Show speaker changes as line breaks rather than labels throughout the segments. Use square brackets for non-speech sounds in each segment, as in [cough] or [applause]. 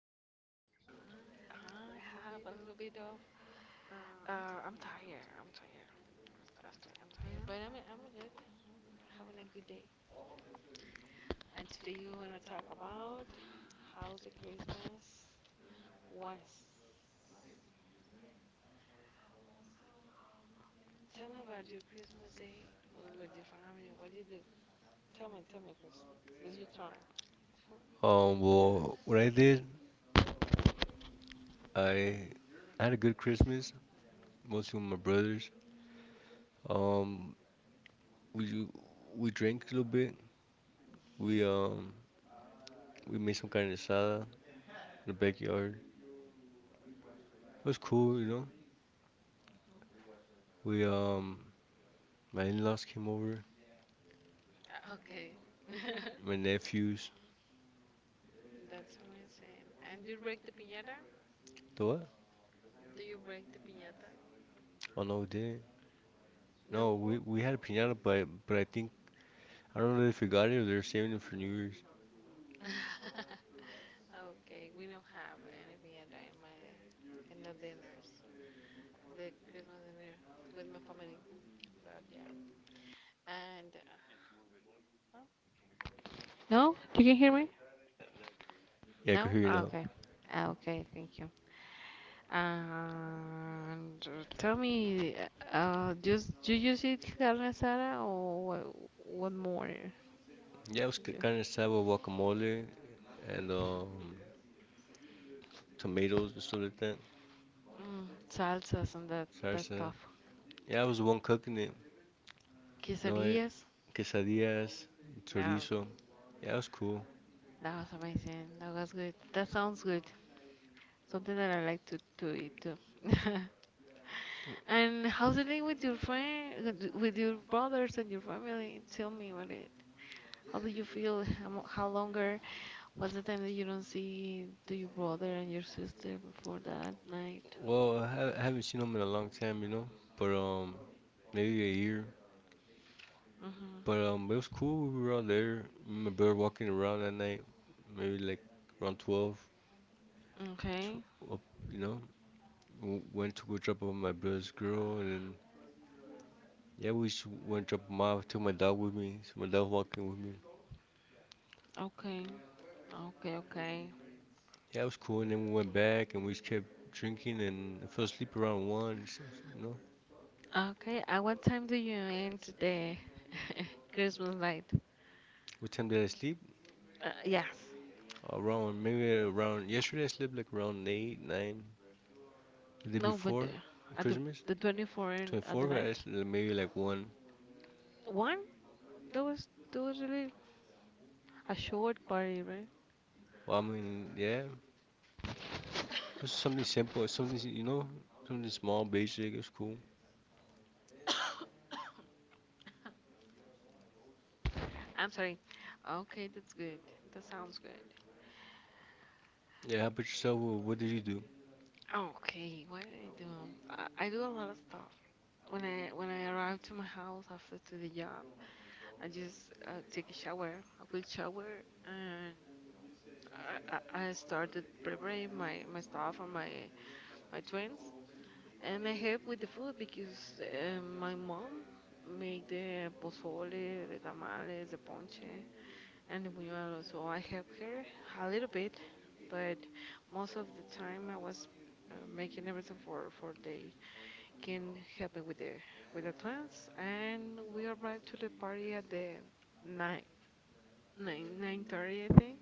yourself?
I have a little bit of. I'm tired. I'm tired. Actually, I'm tired, but I'm good. I'm having a good day. And today you wanna talk about how the Christmas was. Tell me about your Christmas day with your family. What you do? Tell me, Chris. It's your turn. [laughs]
Well, what I did, I had a good Christmas, mostly with my brothers. Um, we we drank a little bit. We um we made some carne asada in the backyard. It was cool. We my in-laws came over,
Okay. [laughs] That's
my nephews.
what I'm saying. And you break the piñata?
The what?
Do you break the piñata?
Oh no, we didn't. No, we
No.
we had a piñata, but I think I don't know if we got it or they're saving it for New Year's.
[laughs] Okay, we don't have any piñata in my in the dinners, the Christmas dinner with my family. But yeah, and huh? No? You can hear me?
Yeah, I could
No,
hear you
ah,
now.
okay. Ah, okay, thank you. And tell me, just do you just eat carne asada or what more
Yeah, it was
do you?
kind of sad with guacamole and tomatoes and stuff like that,
Mm, salsas and that
salsa.
stuff.
Yeah, I was the one cooking it. No,
Quesadillas.
quesadillas,
Now
chorizo. Yeah, it was cool.
that was amazing. That was good. That sounds good. Something that I like to eat too. [laughs] And how's the thing with your friend, with your brothers and your family? Tell me about it. How do you feel? How longer? What's the time that you don't see to your brother and your sister before that night?
Well, I haven't seen them in a long time, but maybe a year.
Mm-hmm.
But it was cool. We were all there. My brother walking around that night, maybe like around 12.
Okay.
Up, you know, went to go drop off my brother's girl, and then yeah, we just went drop him off. Took my dog with me. So my dog walking with me.
Okay. Okay. Okay.
Yeah, it was cool. And then we went back and we just kept drinking and I fell asleep around one. You know,
Okay. At what time do you end the [laughs] Christmas night?
what time did I sleep?
Yes.
Around maybe around yesterday I slept like around eight, nine. The day
No, but the,
before
at the
Christmas,
the 24, in at the
24th, I
night,
slept like, maybe like one.
one there was really a short party, right?
Well, I mean, yeah, it's something simple. Something you know, something small, basic. It's cool.
I'm sorry. Okay, that's good. That sounds good.
Yeah, how about yourself? What did you do?
Okay, what did I do? I do a lot of stuff. When I arrive to my house after to the job, I just take a shower, a quick shower, and I started preparing my stuff and my twins. I help with the food because my mom make the pozole, the tamales, the ponche, and the buñuelos. So I help her a little bit, but most of the time I was making everything for they can help me with the twins. And we arrived to the party at the nine nine thirty, I think.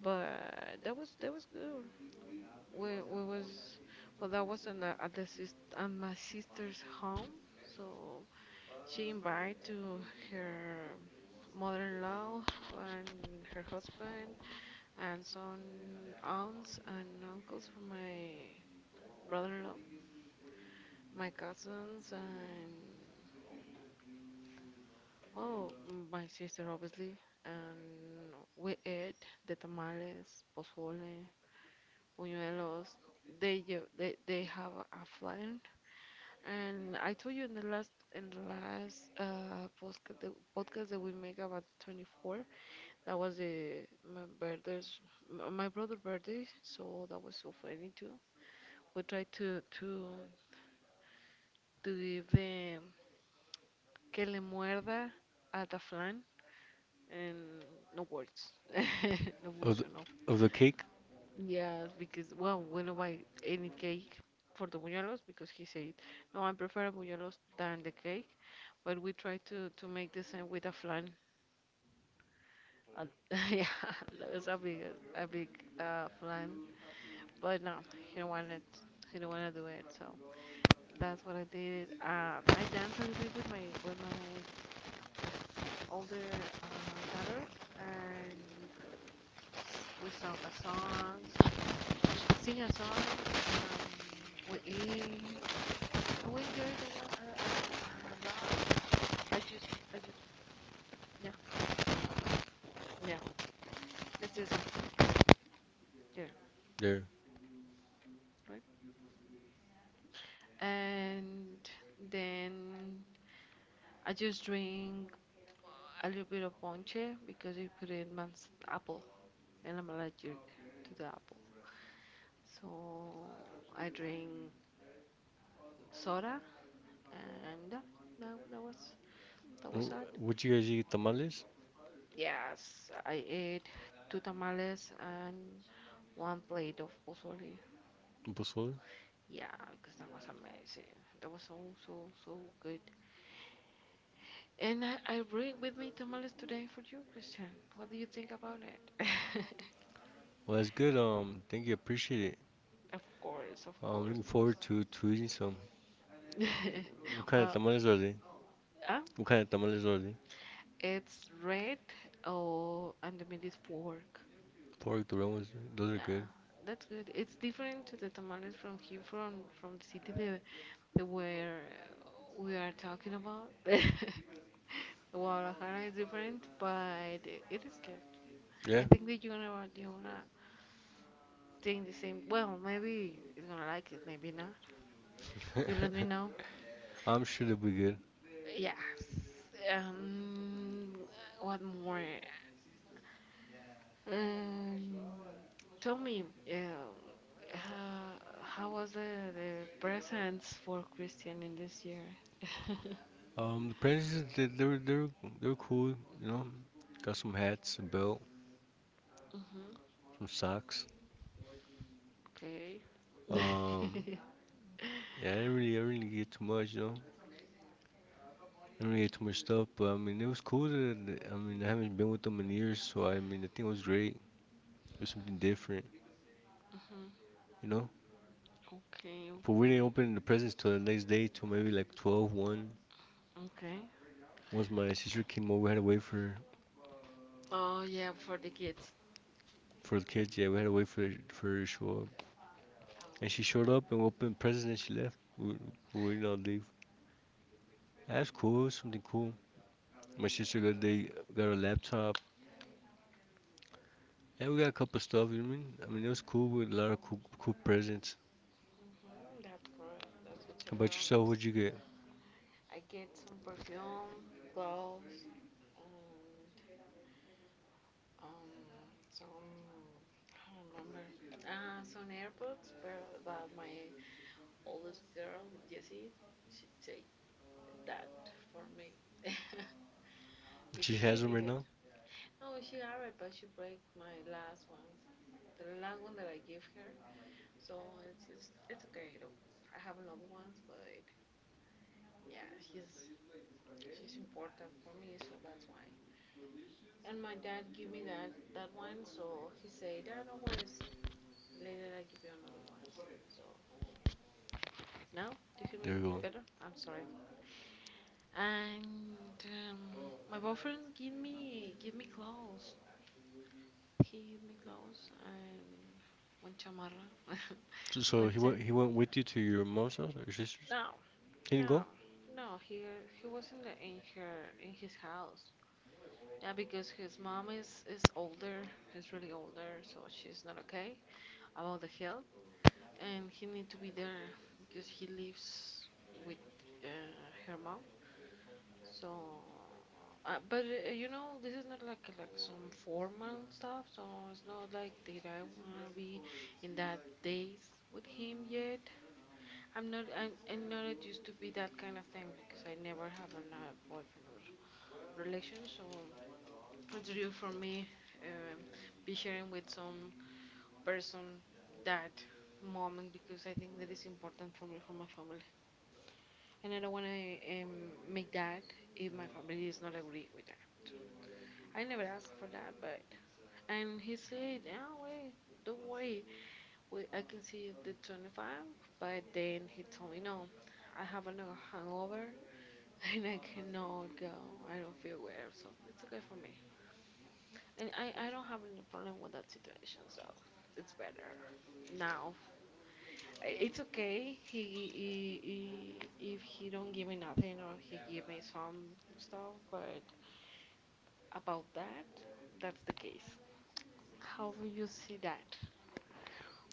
But that was good. We was, well, that was in the at the sis at my sister's home, so she invited to her mother-in-law and her husband and some aunts and uncles from my brother-in-law, my cousins and, well, my sister obviously, and we ate the tamales, pozole, buñuelos. They lle- they have a flan. And I told you in the last podcast the podcast that we make about 24, that was the my brother's m- my brother birthday, so that was so funny too. We tried to give the que le muerda a the flan and no words. [laughs] No
Of the,
funcionó.
of the cake
Yes, because, well, we don't buy any cake for the buñuelos because he said, "No, I prefer buñuelos than the cake." But we try to make the same with a flan. Uh, [laughs] yeah, that was a big a big flan. But no, he don't want it. He don't want to do it. So that's what I did. I danced a little bit with my older daughter, and we sang a song, sing a song. We eat. When are the one, uh, uh, uh, I just, I just, yeah, yeah, let's do there,
there.
right? And then I just drink a little bit of ponche because you put in man's apple, and I'm allergic to the apple. So I drink soda, and that, that was that was it.
What you guys eat? Tamales,
Yes, I ate two tamales and one plate of pozole.
pozole.
Yeah, because that was amazing. That was so, so, so good. And I bring with me tamales today for you, Christian. What do you think about it? [laughs]
Well, that's good. Thank you. Appreciate it.
Of course, of
I'm
course,
looking
of course.
forward to eating some.
[laughs]
What kind of
Well,
tamales are they?
uh,
What kind of tamales are they?
it's red, oh, and the meat is pork.
Pork doromas. Those are
Yeah,
good.
that's good. It's different to the tamales from here, from the city that where we are talking about. [laughs] Guadalajara is different, but it is good. I
Yeah,
think that you're gonna think the same. Well, maybe it's gonna like it, maybe not. You let me know.
I'm sure they'll be good.
Yes. Um, what more? Um, Tell me, um, uh, how was the presents for Christian in this year? [laughs]
The prices they were cool. You know, got some hats, a belt,
Mhm.
some socks.
Okay.
Um,
[laughs]
yeah, I didn't really get too much. You know, I didn't really get too much stuff. But I mean, it was cool. That, that- I mean, I haven't been with them in years, so I mean, I think it was great. It was something different.
Mhm.
You know,
Okay.
but we didn't
Okay.
open the presents till the next day, till maybe like 12, one.
Okay.
Once my sister came over, we had to wait for
Oh yeah, for the kids.
the kids. Yeah, we had to wait for her to show up, and she showed up and opened presents and she left. We waiting not leave. That's cool. It was something cool. My sister got a laptop, and we got a couple stuff. You know what I mean? I mean it was cool with a lot of cool presents.
That's correct. That's good to
How about
know.
yourself? What'd
'Cause
you get?
I get some perfume, gloves, and um, some. I don't remember. Some AirPods, but, my oldest girl, Jessie, she take that for me [laughs]
She
because she
has them right
needed.
now.
No, she have it, but she break my last one, the last one that I give her. So it's okay. I don't- I have another ones, but yeah, she's she's important for me, so that's why. And my dad gave me that one, so he said, "Dad, no worries. Later, I give you another one." So now, do you feel me
There you go.
better? I'm sorry. And my boyfriend give me clothes. He give me clothes and one chamarra,
So,
[laughs]
so
one
he
jacket.
went he went with you to your mom's house or your sister's?
No,
He didn't
no,
go?
no. He was in the in her in his house. Yeah, because his mom is older, is really older, so she's not okay about the health, and he need to be there because he lives with uh, her mom. So, but this is not like some formal stuff, so it's not like that I wanna be in that days with him yet. I'm not used to be that kind of thing because I never have a boyfriend or relation, so. It's due for me, um, be sharing with some person that moment because I think that is important for me for my family, and I don't want to make that if my family is not agree with that. I never asked for that, but and he said, "No way, don't worry, I can see the 25." But then he told me, "No, I have a hangover [laughs] and I cannot go. I don't feel well, so it's okay for me." And I don't have any problem with that situation, so it's better now. It's okay. He, he if he don't give me nothing or he give me some stuff, but about that, that's the case. How do you see that?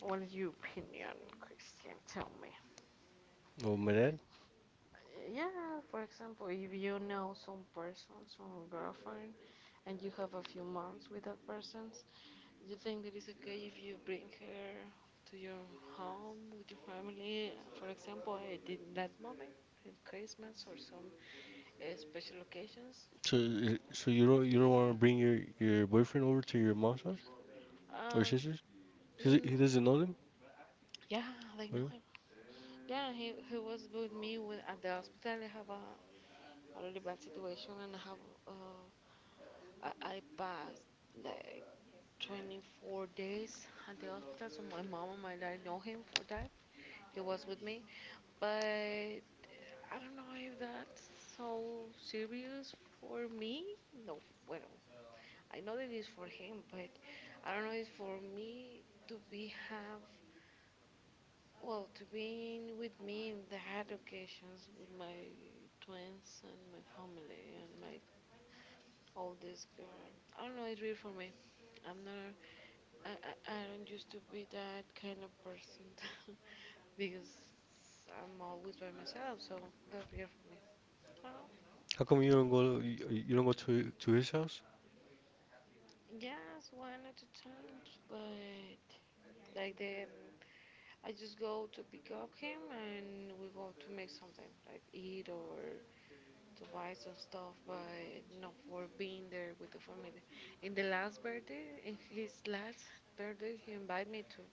What is your opinion, Christian? Tell me.
Oh, my dad?
Yeah, for example, if you know some person, some girlfriend, and you have a few months with that person, you think that it's okay if you bring her to your home with your family, for example, I did in that moment in Christmas or some special occasions?
So so you don't want to bring your boyfriend over to your mom's house or your
Uh,
sister's? He
mm,
doesn't know them.
yeah, they
Oh, yeah?
know him. Yeah, he was with me when at the hospital. I have a really bad situation and I have I passed like 24 days at the hospital. So my mom and my dad know him for that. He was with me, but I don't know if that's so serious for me. No, well, I know that it's for him, but I don't know it's for me to be have, well, to be in with me in that occasions with my twins and my family and my oldest girl. I don't know. It's real for me. I'm not. I I don't used to be that kind of person [laughs] because I'm always by myself. So that's weird for me. I don't know.
How come you don't go? You don't go to his house?
Yes, one at a time, but like the I just go to pick up him and we go to make something like eat or to buy some stuff, but not for being there with the family. In his last birthday, he invited me to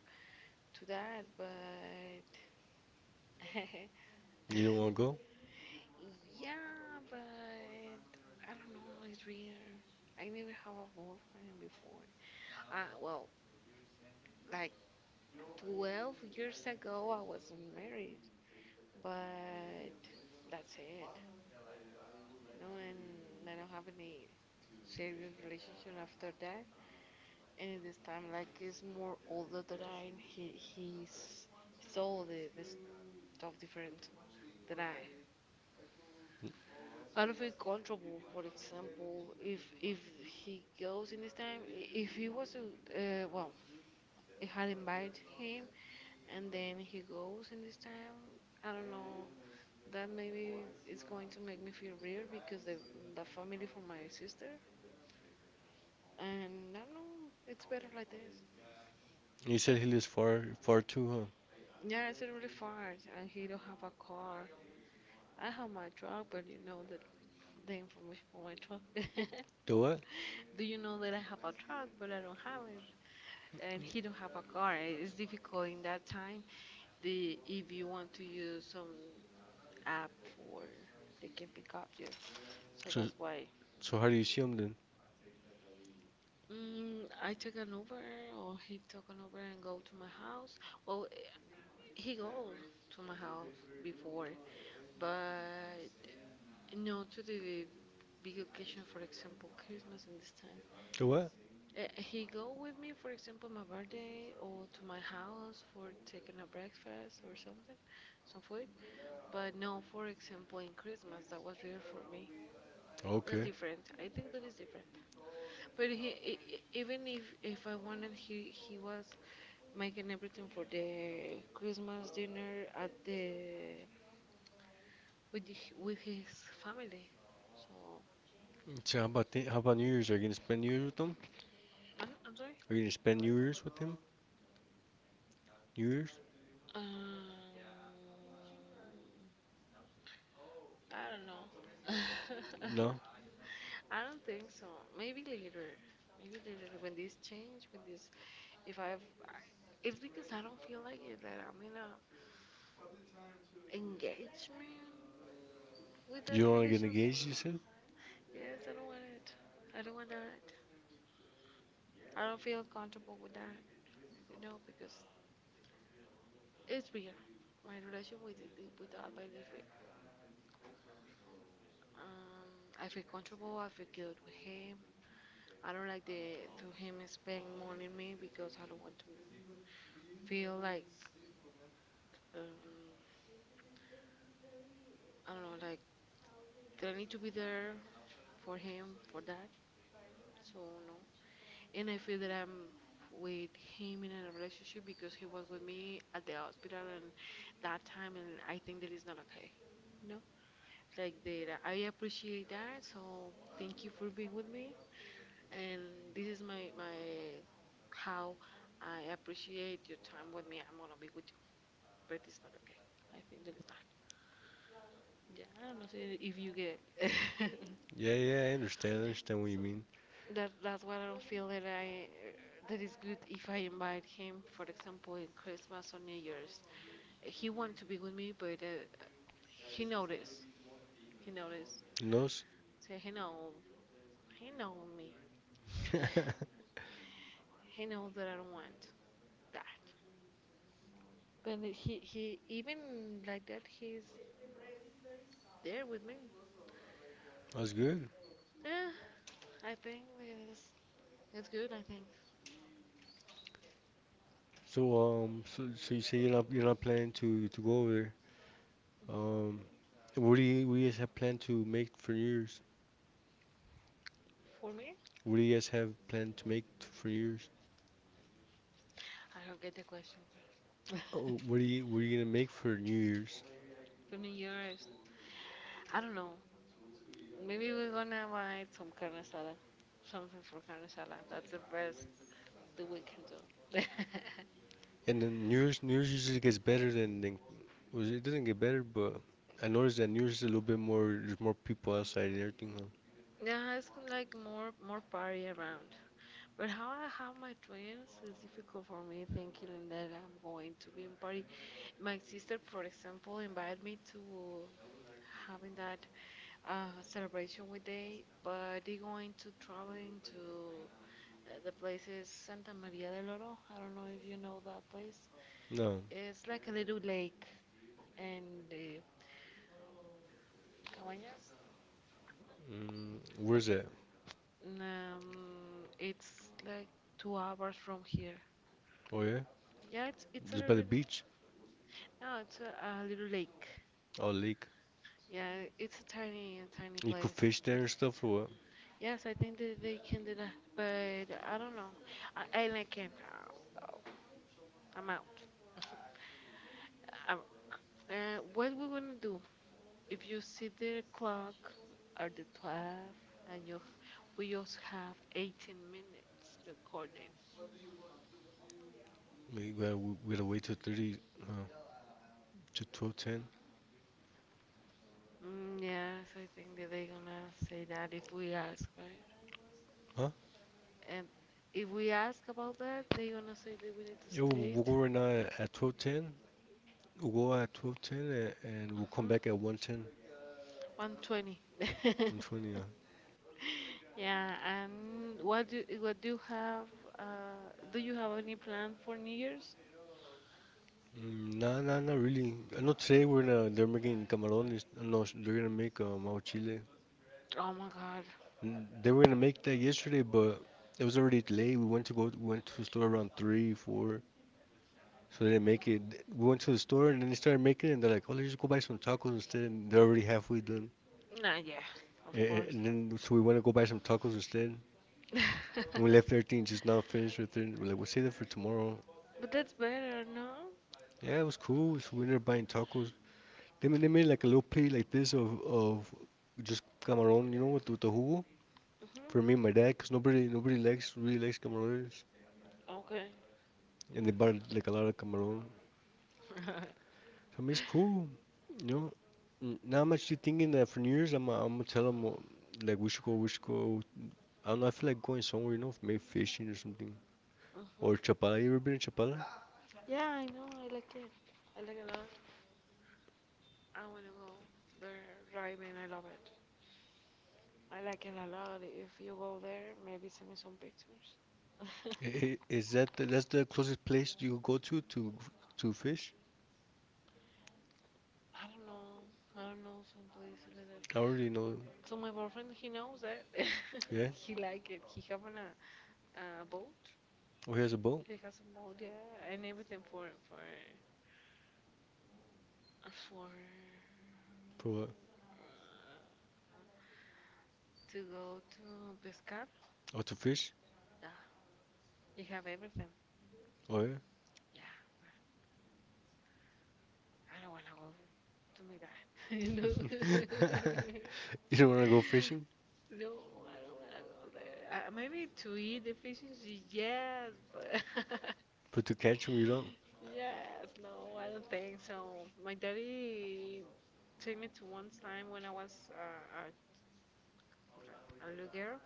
to that, but [laughs]
You don't want to go?
yeah, but I don't know, it's weird. I never have a boyfriend before. Well, like, 12 years ago, I wasn't married, but that's it. No, and I don't have any serious relationship after that. And at this time, like, he's more older than I, and it's all the stuff different than I. I don't feel comfortable, for example, if he goes in this time, if he was, to, well, if I invite him and then he goes in this time, I don't know that maybe is going to make me feel weird because the family for my sister, and I don't know, it's better like this.
You said he lives far too, huh?
Yeah, it's really far, and he don't have a car. I have my truck, but you know that the information for my truck.
The what?
[laughs] Do you know that I have a truck, but I don't have it, and he don't have a car. It's difficult in that time. The If you want to use some app for they can pick up you, so
So
that's why.
so how do you see him then?
I take an Uber or he took an Uber and go to my house. Well, eh, he go to my house before, but no to the big occasion, for example, Christmas and this time.
The what?
He go with me, for example, my birthday or to my house for taking a breakfast or something, some food. But no, for example, in Christmas that was real for me. That's
Okay.
different. I think that is different. But even if I wanted, he was making everything for the Christmas dinner at the with with his family. So
So how about New Year's? Are you gonna spend New Year's with him?
I'm sorry.
Are you gonna spend New Year's with him? New Year's?
Um, I don't know.
No.
[laughs] I don't think so. Maybe later. Maybe later when this change, when this if I, it's because I don't feel like it that I'm in a engagement with that
You don't want to get
relationship.
engaged? You said?
Yes, I don't want it. I don't want that. I don't feel comfortable with that. You know, because it's real. My relation with with the Albert is real. Um, I feel comfortable. I feel good with him. I don't like the to him spend more on me because I don't want to feel like um, I don't know, like that I need to be there for him for that. So no, and I feel that I'm with him in a relationship because he was with me at the hospital and that time, and I think that is not okay. No. Like that. I appreciate that. So thank you for being with me. And this is my how I appreciate your time with me. I'm gonna be with you, but it's not okay. I think that is not. Yeah, I don't know say if you get. [laughs]
Yeah, yeah. I understand. I understand what you
So
mean.
that's why I don't feel that I that is good if I invite him, for example, in Christmas or New Year's. He want to be with me, but he noticed. He noticed.
You know?
Say he know. He know me. [laughs]
[laughs]
He knows that I don't want that. But he even like that he's there with me.
That's good.
Yeah, I think it's it's good. I think
So you say you're not planning to go over there. Um, what do you guys have planned to make for New Year's?
for me,
What do you guys have planned to make for New Year's?
I don't get the question. Girl. [laughs]
Oh, what are you gonna make for New Year's?
For from yours, I don't know. Maybe we're gonna buy some carne asada, something for carne asada. That's the best that we can do. [laughs]
And then New Year's usually gets better than was it doesn't get better, but I noticed that New Year's is a little bit more. There's more people outside and everything. Huh?
Yeah, it's like more party around. But how I have my twins is difficult for me thinking that I'm going to be in party. My sister, for example, invited me to having that celebration with they, but they going to traveling to the place is Santa Maria del Oro. I don't know if you know that place.
No,
It's like a little lake and the Cabañas.
where's that?
It's like 2 hours from here.
Oh yeah,
Yeah, it's a
just by the
little
beach.
no, it's a little lake.
Oh lake.
Yeah, it's a tiny
You could
place,
fish there
but
and
it's good.
stuff or what?
Yes, I think that they can do that, but I don't know. I like him. Uh, I'm out. Um, what we gonna do if you see the clock at the 12 and you we just have 18 minutes recording.
We gotta wait till 30. Huh? To 12:10.
Yes, I think that they gonna say that if we ask, right?
Huh?
And if we ask about that, they gonna say that we need to
Yo, we'll
state.
go right now at 12:10. We'll go at 12:10 and we'll come back at
Mm-hmm.
1:10,
120.
1:20. 1:20. Yeah.
[laughs] Yeah, and what do you have? Do you have any plan for New Year's?
Mm, nah, nah, not really. I know today we're gonna they're making camarones. No, they're gonna make our chile.
Oh my God.
They were gonna make that yesterday, but it was already late. We went to the store around three, four, so they didn't make it. We went to the store and then they started making it, and they're like, "Oh, let's just go buy some tacos instead." And they're already halfway done.
Nah, yeah, of
And,
course.
and then so we went to go buy some tacos instead,
[laughs]
and we left everything just not finished with it. We're like, "We'll save that for tomorrow."
But that's better, no?
Yeah, it was cool. So we ended up buying tacos. They made like a little plate like this of just camarón, you know, with the jugo for me and my dad, cause nobody nobody likes really
Hmm.
likes camarones,
Okay.
and they bought like a lot of camarón.
[laughs] Hmm.
So I mean, it's cool, you know. Now I'm actually thinking that for New Year's, I'm gonna tell them like we should go. I don't know. I feel like going somewhere, maybe fishing or something, or Chapala. You ever been to Chapala?
Yeah, I know. I like it. I like it a lot. I wanna go there driving. I love it. I like it a lot. If you go there, maybe send me some pictures. [laughs] I
That's the closest place you go to fish?
don't know. I don't know some place like that.
I already know.
So my boyfriend, he knows that. [laughs]
Yeah.
He like it. He having a boat.
Oh, he has a boat
He has a boat, yeah, and everything for
for what?
uh, to go to pescar.
Oh, to fish.
Yeah, he have everything.
Oh
Yeah, but I don't wanna go to my dad. [laughs] You
yeah. [laughs]
know.
[laughs] You
[laughs]
don't want to go fishing,
[laughs] No, I don't wanna go there. Maybe to eat deficiency, yes, but [laughs]
but to catch them, you don't.
yes, no, I don't think so. My daddy took me to one time when I was a little girl,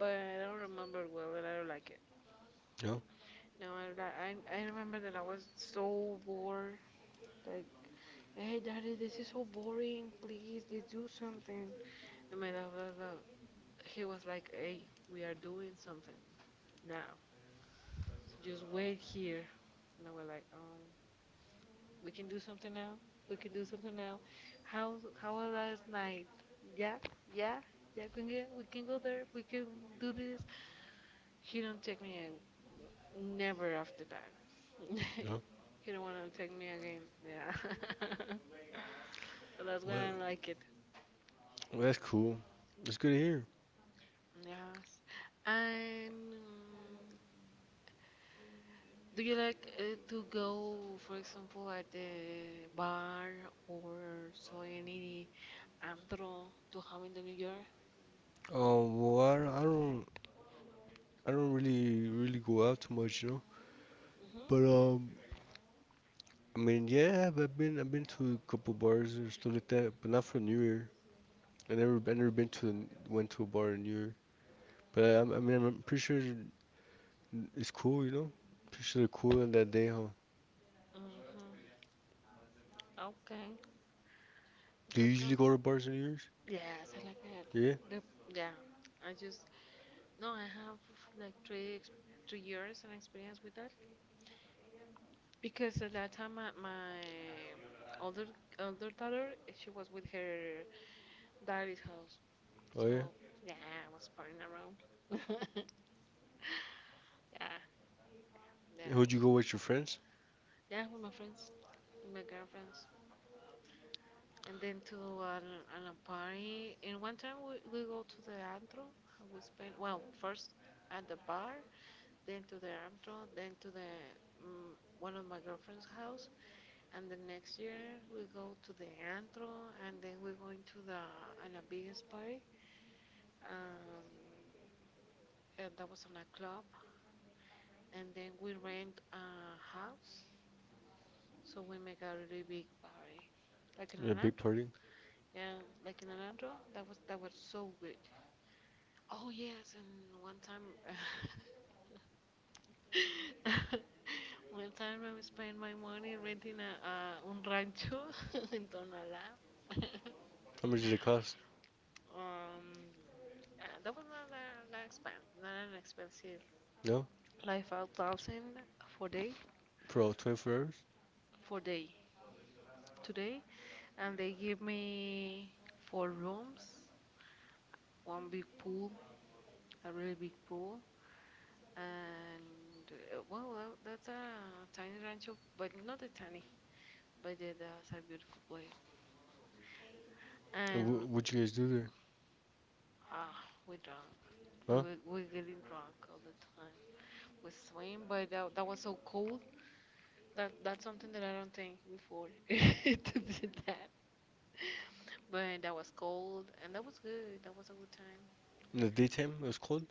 but I don't remember it well, and I don't like it.
No,
No, I don't li- I remember that I was so bored. Like, hey, daddy, this is so boring. Please, let's do something. And my dad was like, he was like, hey, we are doing something now. So just wait here. And they were like, we can do something now. We can do something now. How was last night? Yeah, yeah, yeah. We can go there. We can do this. He don't take me out. Never after that. [laughs]
no.
He don't want to take me again. Yeah. [laughs] So that's when
Well,
I like it.
well, that's cool. That's good to hear.
Yes. And do you like to go, for example, at the bar or so any Andro to have in the new year.
Well, I don't really, really go out too much.
Mhm.
But I mean, yeah, I've been to a couple bars or stuff like that, but not for New Year. I never went to a bar in New Year. But I mean, I'm pretty sure it's cool. Pretty sure they're cool on that day, huh?
Mhm. Okay.
Do you
That
usually
sounds.
go to bars on New Year's?
Yes, I like it.
Yeah.
The, yeah. I just no. I have like 3 years and experience with that because at that time my older older daughter she was with her daddy's house.
Oh yeah.
So yeah, I was partying around. [laughs] Yeah.
Would you go
Yeah.
with your friends?
Yeah, with my friends, with my girlfriends. And then to an a party. And one time we go to the antro. We spend well first at the bar, then to the antro, then to the mm, one of my girlfriend's house, and the next year we go to the antro, and then we're going to the an a biggest party. Um, and that was on a club, and then we rent a house, so we make a really big party. Like in
Yeah,
an
big
antro,
party.
yeah, like in an antro. That was so good. Oh yes, and one time, [laughs] one time I spent my money renting a un rancho [laughs] in Tonalá. [laughs]
How much did it cost?
um, that was not that expensive, not an expensive.
No.
Like 5,000 for day,
For all 24 hours?
for day, today, and they give me four rooms, one big pool, a really big pool, and well, that's a tiny rancho, but not a tiny. But yeah, that's a beautiful place.
And
And
wh what you guys do there?
ah, we're drunk.
Huh?
We're getting drunk all the time. We swim, but that was so cold. That's something that I don't think before [laughs] to do that. But that was cold, and that was good. That was a good time.
In the daytime it was cold?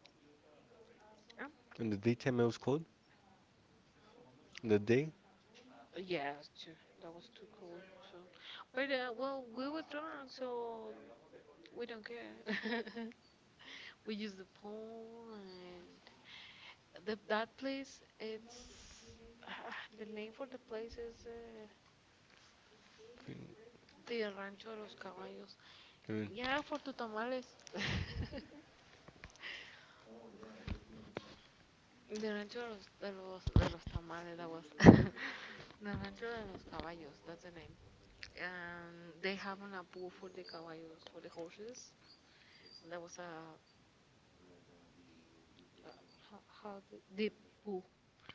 Um,
In the daytime it was cold? In the day?
yeah, sure. That was too cold. So, but we were drunk, so we don't care. [laughs] We use the pool and. The that place, it's the name for the place is the Rancho de los Caballos.
Mm,
Yeah, for the tamales. [laughs] The Rancho de los tamales that was. [laughs] The Rancho de los Caballos. That's the name. And they have an pool for the caballos for the horses. That was a how, the pool.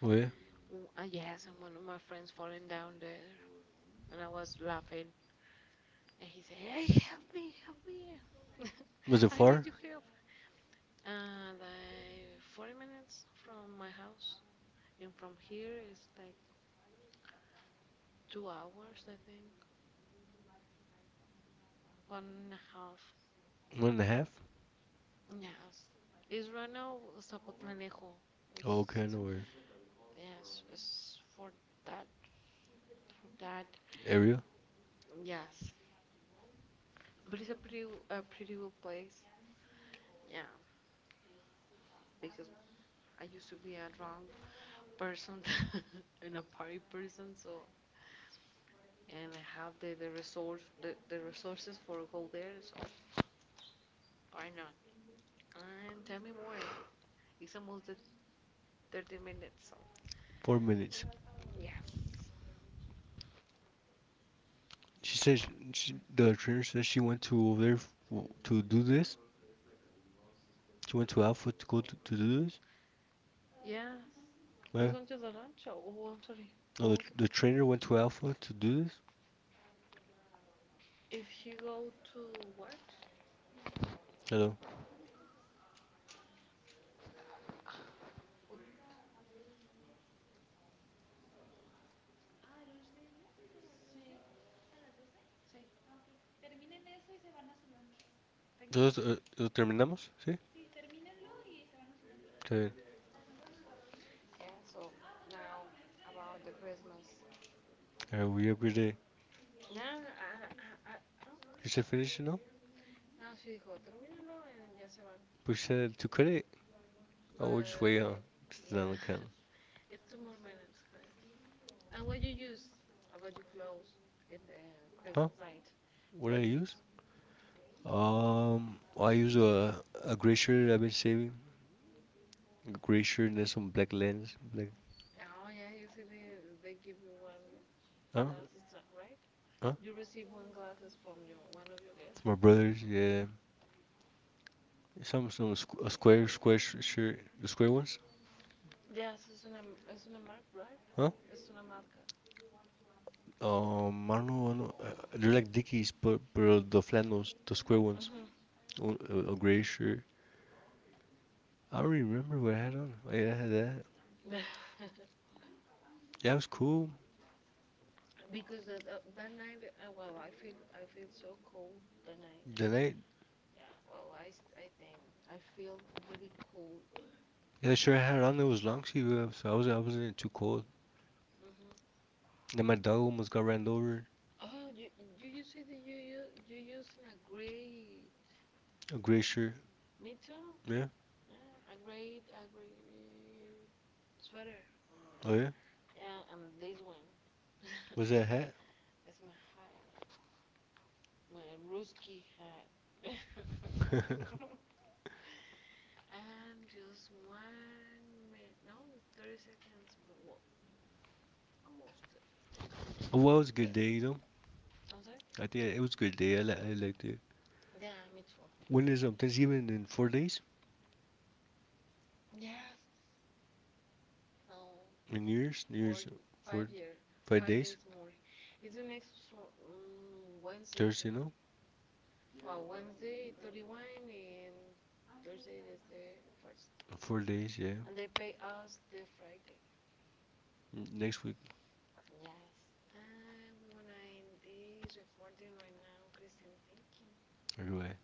oh yeah.
Yes, and one of my friends falling down there, and I was laughing. And he said, hey, help me, help me.
Was
[laughs]
it
I need
far?
your help. Like 40 minutes from my house. And from here, it's like 2 hours, I think. One and a half.
One and a half?
Yes. It's right now Zapotlanejo. It's,
Oh, okay, I know where.
yes, it's for that. For that.
Area?
Yes. But it's a pretty good place. Yeah. Because I used to be a drunk person [laughs] and a party person, so and have the resource the resources for go there so why not and tell me more it's almost the 30 minutes so
4 minutes.
yes
She said she, the trainer said she went to over there f w to do this. She went to
oh,
Alpha to go to do this.
yes we're
Where?
going to the lunch oh, oh I'm sorry
Oh,
what
the,
was
the trainer went to
it
Alpha to do this.
if you go to what.
Hello.
Wait,
Entonces, ¿lo terminamos? ¿Sí? Está bien.
yeah, so now about the Christmas.
A ver, we upgrade.
No no no I, I,
You said finish, you know?
no she dijo termínalo and ya se van
Push that to cut it. Oh, just wait
but
on just
yeah.
another can.
It's two more minutes, Chris. And what you use about your clothes in the
Huh?
Christmas night?
What
What
do I
you
use?
use?
I use a gray shirt I've been saving. A gray shirt and then some black lens. Black.
Oh yeah, usually they give you one
Huh?
glass, extra, right?
Huh?
You receive one glasses from your one of your guests.
It's my brother's. Yeah. Some squ a square square sh shirt. The square ones.
Yes, it's una es una marca, right?
Huh?
Es una marca.
I don't know. I don't know. They're like Dickies, but the flannels, the square ones.
Mhm.
A gray shirt. I don't really remember what I had on. Yeah, I had that.
[laughs]
Yeah, it was cool.
Because that, that night, I feel so cold that night.
The night.
Yeah. Well, I think I feel really cold.
Yeah, the shirt I had on it was long sleeve, so I wasn't too cold.
Hmm.
Then my dog almost got ran over.
Oh, you say that you using a gray
A gray shirt.
me too.
Yeah.
Yeah, a gray sweater.
Oh yeah.
Yeah, and this one
Was that a hat?
is my hat, my Ruski hat.
[laughs]
[laughs] And just 1 minute, no, 30 seconds more. Well, almost 30 seconds.
Oh, well, it was a
Yes.
good day.
I'm sorry.
[laughs] I think it was a good day. I liked it.
Yeah, me too.
When is Thanksgiving in 4 days?
Yes. No,
In New Year's? New Year's
five
four
year,
five
five
days?
days more. It's the next one- Wednesday too.
Thursday, no?
Well, Wednesday 31 and Thursday is the first.
4 days, yeah.
And they pay us the Friday.
Next week.
Yes. And we wanna end this. Christian, thank you.
Anyway.